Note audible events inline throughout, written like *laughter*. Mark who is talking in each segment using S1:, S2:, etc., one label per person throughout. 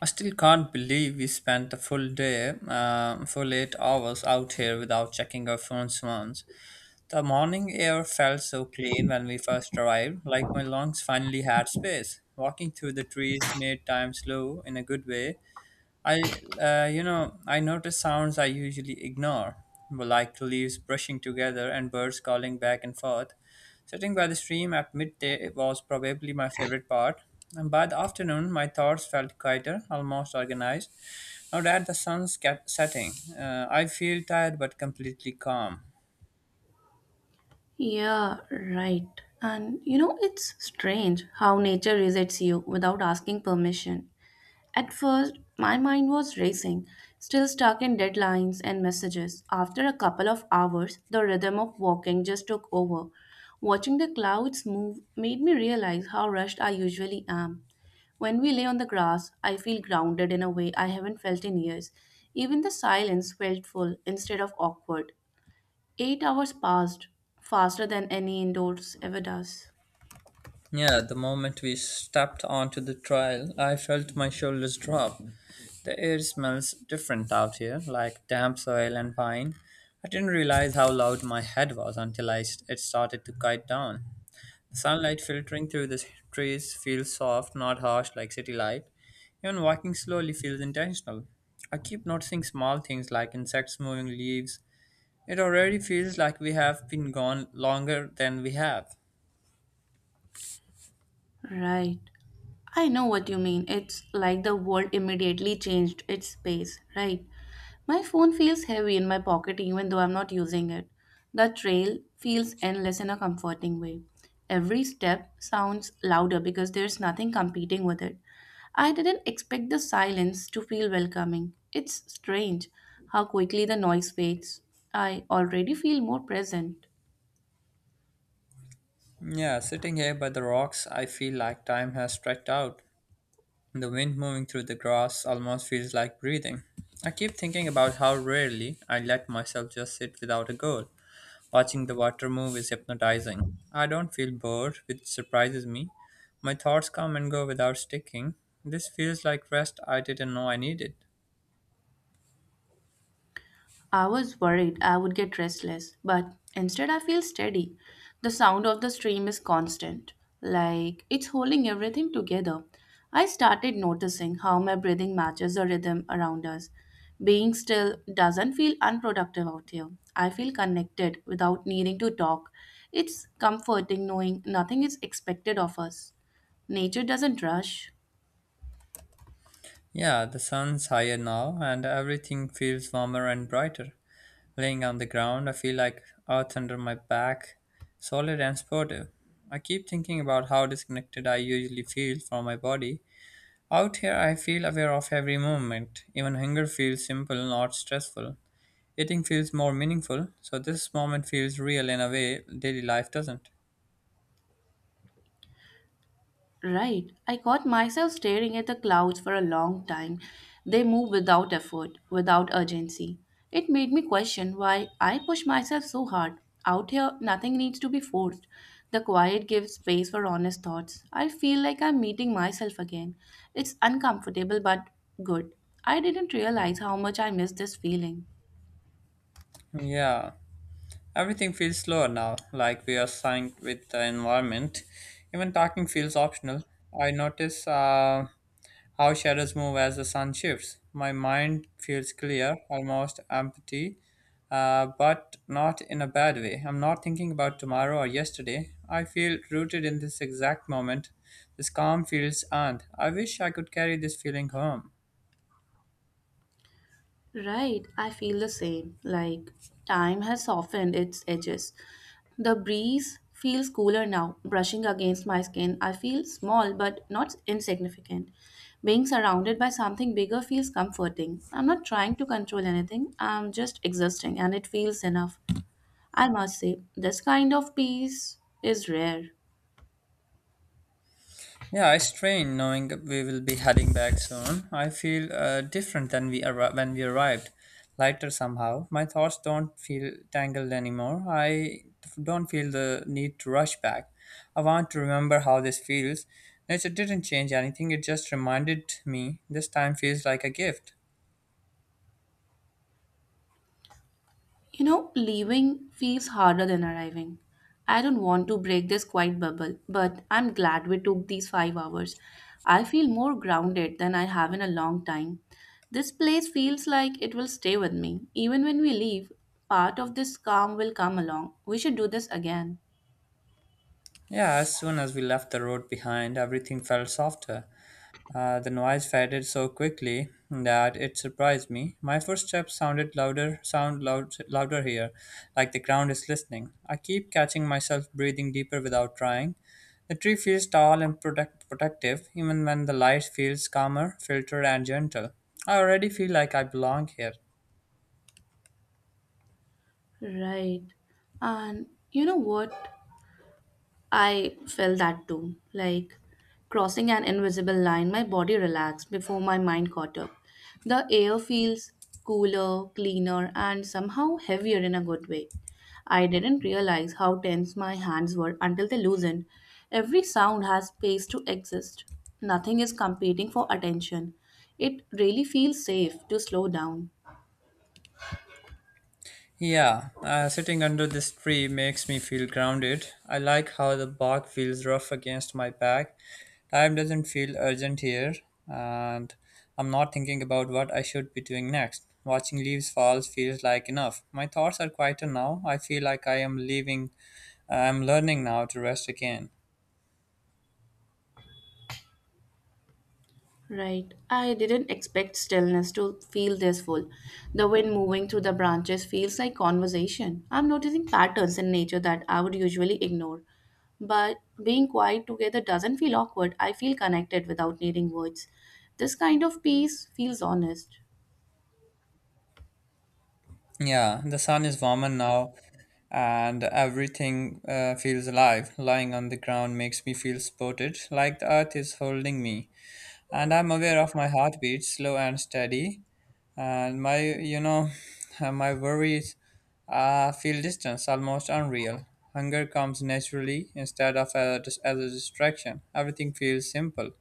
S1: I still can't believe we spent the full day, full 8 hours out here without checking our phones once. The morning air felt so clean when we first arrived, like my lungs finally had space. Walking through the trees made time slow in a good way. I, I notice sounds I usually ignore, like leaves brushing together and birds calling back and forth. Sitting by the stream at midday was probably my favorite part, and by the afternoon, my thoughts felt quieter, almost organized. Now that the setting, I feel tired but completely calm.
S2: Yeah, right. And you know, it's strange how nature resets you without asking permission. At first, my mind was racing, still stuck in deadlines and messages. After a couple of hours, the rhythm of walking just took over. Watching the clouds move made me realize how rushed I usually am. When we lay on the grass, I feel grounded in a way I haven't felt in years. Even the silence felt full instead of awkward. 8 hours passed, faster than any indoors ever does.
S1: Yeah, the moment we stepped onto the trail, I felt my shoulders drop. The air smells different out here, like damp soil and pine. I didn't realize how loud my head was until it started to kite down. Sunlight filtering through the trees feels soft, not harsh like city light. Even walking slowly feels intentional. I keep noticing small things like insects moving leaves. It already feels like we have been gone longer than we have.
S2: Right. I know what you mean. It's like the world immediately changed its pace, right? My phone feels heavy in my pocket even though I'm not using it. The trail feels endless in a comforting way. Every step sounds louder because there's nothing competing with it. I didn't expect the silence to feel welcoming. It's strange how quickly the noise fades. I already feel more present.
S1: Yeah, sitting here by the rocks, I feel like time has stretched out. The wind moving through the grass almost feels like breathing. I keep thinking about how rarely I let myself just sit without a goal. Watching the water move is hypnotizing. I don't feel bored, which surprises me. My thoughts come and go without sticking. This feels like rest I didn't know I needed.
S2: I was worried I would get restless, but instead I feel steady. The sound of the stream is constant, like it's holding everything together. I started noticing how my breathing matches the rhythm around us. Being still doesn't feel unproductive out here. I feel connected without needing to talk. It's comforting knowing nothing is expected of us. Nature doesn't rush.
S1: Yeah, the sun's higher now, and everything feels warmer and brighter. Laying on the ground, I feel like earth under my back, solid and supportive. I keep thinking about how disconnected I usually feel from my body. Out here, I feel aware of every movement. Even hunger feels simple, not stressful. Eating feels more meaningful, so this moment feels real in a way daily life doesn't.
S2: Right. I caught myself staring at the clouds for a long time. They move without effort, without urgency. It made me question why I push myself so hard. Out here, nothing needs to be forced. The quiet gives space for honest thoughts. I feel like I'm meeting myself again. It's uncomfortable but good. I didn't realize how much I missed this feeling.
S1: Yeah. Everything feels slower now, like we are synced with the environment. Even talking feels optional. I notice how shadows move as the sun shifts. My mind feels clear, almost empty, but not in a bad way. I'm not thinking about tomorrow or yesterday. I feel rooted in this exact moment. This calm feels earned. I wish I could carry this feeling home.
S2: Right, I feel the same. Like time has softened its edges. The breeze feels cooler now, brushing against my skin. I feel small but not insignificant. Being surrounded by something bigger feels comforting. I'm not trying to control anything, I'm just existing, and it feels enough. I must say, this kind of peace is rare.
S1: Yeah, I strain knowing we will be heading back soon. I feel different when we arrived, lighter somehow. My thoughts don't feel tangled anymore. I don't feel the need to rush back. I want to remember how this feels. Nature didn't change anything, it just reminded me this time feels like a gift.
S2: You know, leaving feels harder than arriving. I don't want to break this quiet bubble, but I'm glad we took these 5 hours. I feel more grounded than I have in a long time. This place feels like it will stay with me. Even when we leave, part of this calm will come along. We should do this again.
S1: Yeah, as soon as we left the road behind, everything felt softer. The noise faded so quickly that it surprised me. My footsteps sounded louder, sound loud, louder here, like the ground is listening. I keep catching myself breathing deeper without trying. The tree feels tall and protective, even when the light feels calmer, filtered, and gentle. I already feel like I belong here.
S2: Right. And you know what? I felt that too. Like crossing an invisible line, my body relaxed before my mind caught up. The air feels cooler, cleaner, and somehow heavier in a good way. I didn't realize how tense my hands were until they loosened. Every sound has space to exist. Nothing is competing for attention. It really feels safe to slow down.
S1: Yeah, sitting under this tree makes me feel grounded. I like how the bark feels rough against my back. Time doesn't feel urgent here, and I'm not thinking about what I should be doing next. Watching leaves fall feels like enough. My thoughts are quieter now. I feel like I am leaving. I'm learning now to rest again.
S2: Right. I didn't expect stillness to feel this full. The wind moving through the branches feels like conversation. I'm noticing patterns in nature that I would usually ignore. But being quiet together doesn't feel awkward. I feel connected without needing words. This kind of peace feels honest.
S1: Yeah, the sun is warmer now, and everything feels alive. Lying on the ground makes me feel supported, like the earth is holding me, and I'm aware of my heartbeat, slow and steady, and my *laughs* my worries feel distant, almost unreal. Hunger comes naturally as a distraction. Everything feels simple.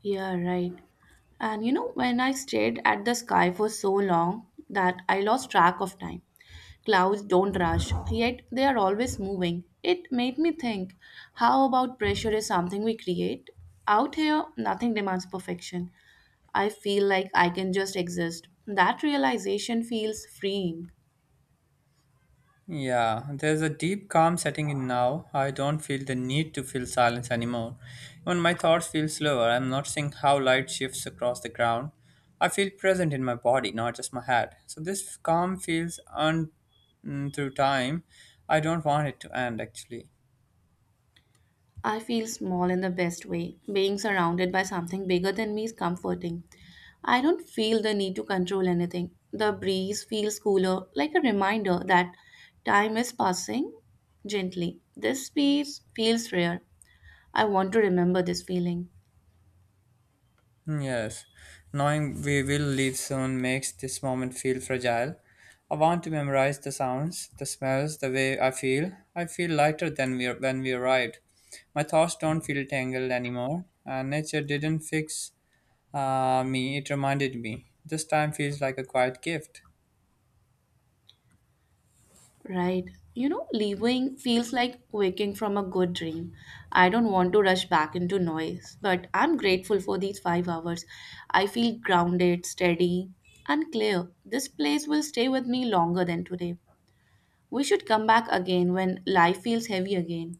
S2: Yeah, right. And you know, when I stared at the sky for so long that I lost track of time, clouds don't rush, yet they are always moving. It made me think how about pressure is something we create? Out here, nothing demands perfection. I feel like I can just exist. That realization feels freeing.
S1: Yeah, there's a deep calm setting in now. I don't feel the need to feel silence anymore. Even my thoughts feel slower. I'm noticing how light shifts across the ground. I feel present in my body, not just my head. So this calm feels on through time. I don't want it to end actually.
S2: I feel small in the best way. Being surrounded by something bigger than me is comforting. I don't feel the need to control anything. The breeze feels cooler, like a reminder that time is passing gently. This space feels rare. I want to remember this feeling.
S1: Yes, knowing we will leave soon makes this moment feel fragile. I want to memorize the sounds, the smells, the way I feel. I feel lighter than we when we arrived. My thoughts don't feel tangled anymore. Nature didn't fix me; it reminded me. This time feels like a quiet gift.
S2: Right. You know, leaving feels like waking from a good dream. I don't want to rush back into noise, but I'm grateful for these 5 hours. I feel grounded, steady, and clear. This place will stay with me longer than today. We should come back again when life feels heavy again.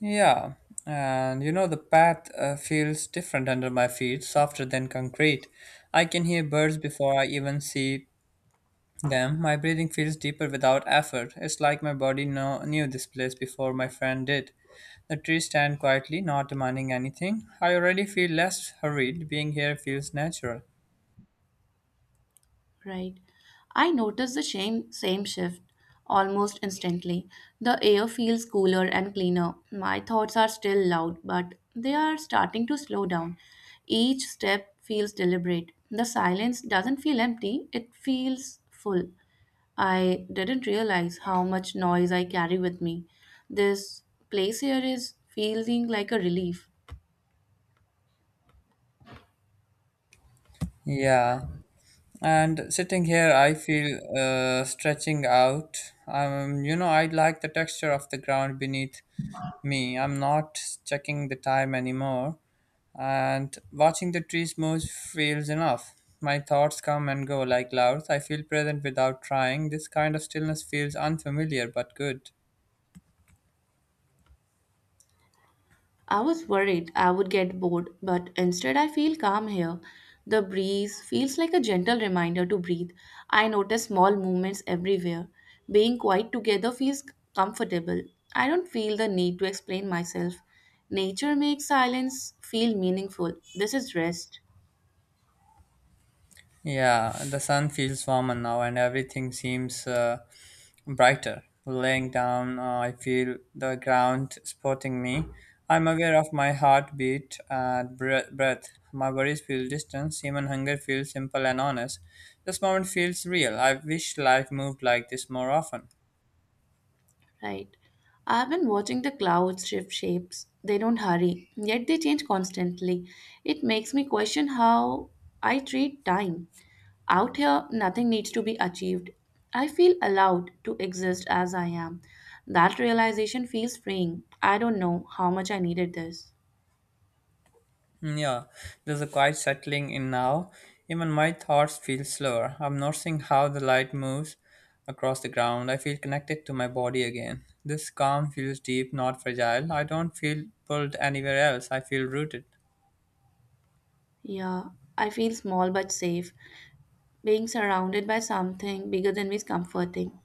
S1: Yeah, and you know the path feels different under my feet, softer than concrete. I can hear birds before I even see. Damn, my breathing feels deeper without effort. It's like my knew this place before my friend did. The trees stand quietly, not demanding anything. I already feel less hurried. Being here feels natural.
S2: Right. I notice the same shift almost instantly. The air feels cooler and cleaner. My thoughts are still loud, but they are starting to slow down. Each step feels deliberate. The silence doesn't feel empty, it feels full. I didn't realize how much noise I carry with me. This place here is feeling like a relief.
S1: Yeah, and sitting here, I feel stretching out. I like the texture of the ground beneath me. I'm not checking the time anymore, and watching the trees move feels enough. My thoughts come and go like clouds. I feel present without trying. This kind of stillness feels unfamiliar but good.
S2: I was worried I would get bored, but instead I feel calm here. The breeze feels like a gentle reminder to breathe. I notice small movements everywhere. Being quiet together feels comfortable. I don't feel the need to explain myself. Nature makes silence feel meaningful. This is rest,
S1: Yeah, the sun feels warmer now and everything seems brighter. Laying down, I feel the ground supporting me. I'm aware of my heartbeat and breath. My worries feel distant, even hunger feels simple and honest. This moment feels real. I wish life moved like this more often.
S2: right? I've been watching the clouds shift shapes. They don't hurry, yet they change constantly. It makes me question how I treat time. Out here, nothing needs to be achieved. I feel allowed to exist as I am. That realization feels freeing. I don't know how much I needed this.
S1: Yeah, there's a quiet settling in now. Even my thoughts feel slower. I'm noticing how the light moves across the ground. I feel connected to my body again. This calm feels deep, not fragile. I don't feel pulled anywhere else. I feel rooted.
S2: Yeah, I feel small but safe. Being surrounded by something bigger than me is comforting.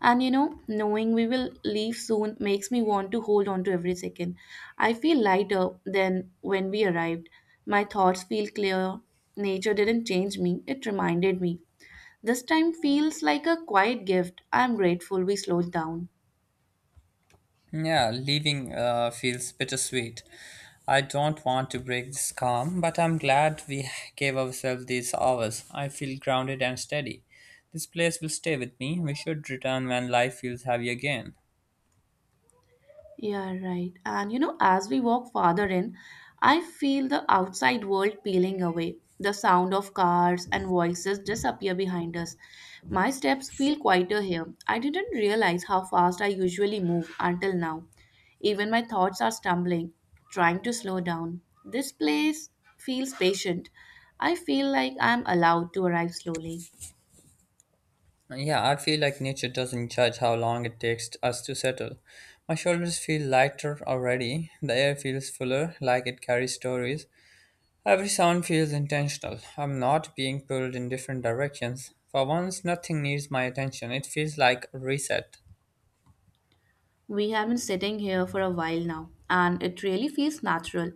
S2: And you know, knowing we will leave soon makes me want to hold on to every second. I feel lighter than when we arrived. My thoughts feel clear. Nature didn't change me, it reminded me. This time feels like a quiet gift. I'm grateful we slowed down.
S1: Yeah, leaving feels bittersweet. I don't want to break this calm, but I'm glad we gave ourselves these hours. I feel grounded and steady. This place will stay with me. We should return when life feels heavy again.
S2: Yeah, right. And you know, as we walk farther in, I feel the outside world peeling away. The sound of cars and voices disappear behind us. My steps feel quieter here. I didn't realize how fast I usually move until now. Even my thoughts are stumbling, trying to slow down. This place feels patient. I feel like I'm allowed to arrive slowly.
S1: Yeah, I feel like nature doesn't judge how long it takes us to settle. My shoulders feel lighter already, the air feels fuller, like it carries stories. Every sound feels intentional. I'm not being pulled in different directions. For once, nothing needs my attention. It feels like a reset.
S2: We have been sitting here for a while now, and it really feels natural.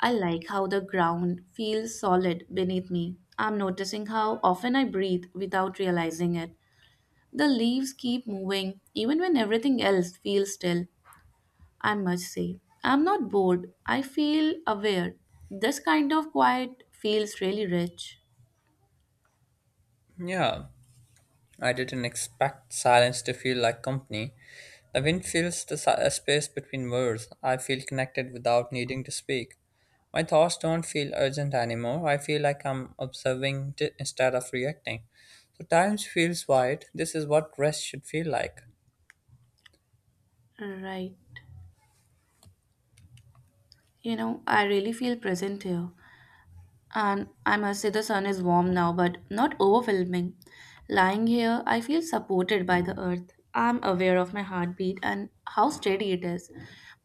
S2: I like how the ground feels solid beneath me. I'm noticing how often I breathe without realizing it. The leaves keep moving even when everything else feels still. I must say, I'm not bored, I feel aware. This kind of quiet feels really rich.
S1: Yeah, I didn't expect silence to feel like company. The wind fills the space between words. I feel connected without needing to speak. My thoughts don't feel urgent anymore. I feel like I'm instead of reacting. So time feels wide. This is what rest should feel like.
S2: Right. You know, I really feel present here. And I must say, the sun is warm now, but not overwhelming. Lying here, I feel supported by the earth. I'm aware of my heartbeat and how steady it is.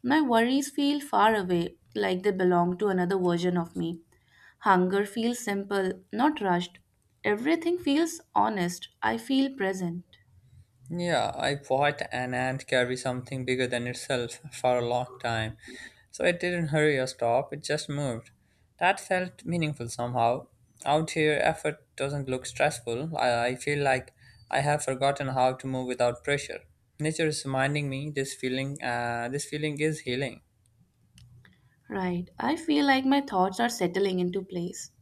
S2: My worries feel far away, like they belong to another version of me. Hunger feels simple, not rushed. Everything feels honest. I feel present.
S1: Yeah, I watched an ant carry something bigger than itself *laughs* for a long time. So it didn't hurry or stop, it just moved. That felt meaningful somehow. Out here, effort doesn't look stressful. I feel like I have forgotten how to move without pressure. Nature is reminding me this feeling. This feeling is healing.
S2: Right. I feel like my thoughts are settling into place.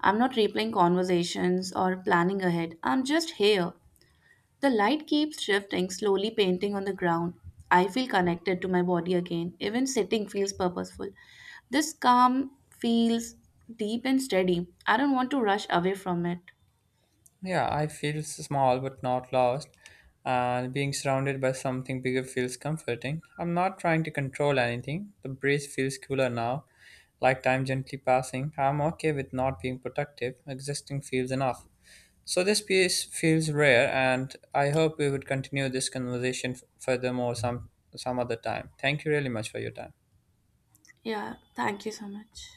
S2: I'm not replaying conversations or planning ahead. I'm just here. The light keeps shifting, slowly painting on the ground. I feel connected to my body again. Even sitting feels purposeful. This calm feels deep and steady. I don't want to rush away from it.
S1: Yeah, I feel small but not lost, and being surrounded by something bigger feels comforting. I'm not trying to control anything. The breeze feels cooler now, like time gently passing. I'm okay with not being productive, existing feels enough. So, this piece feels rare, and I hope we would continue this conversation some other time. Thank you really much for your time.
S2: Yeah, thank you so much.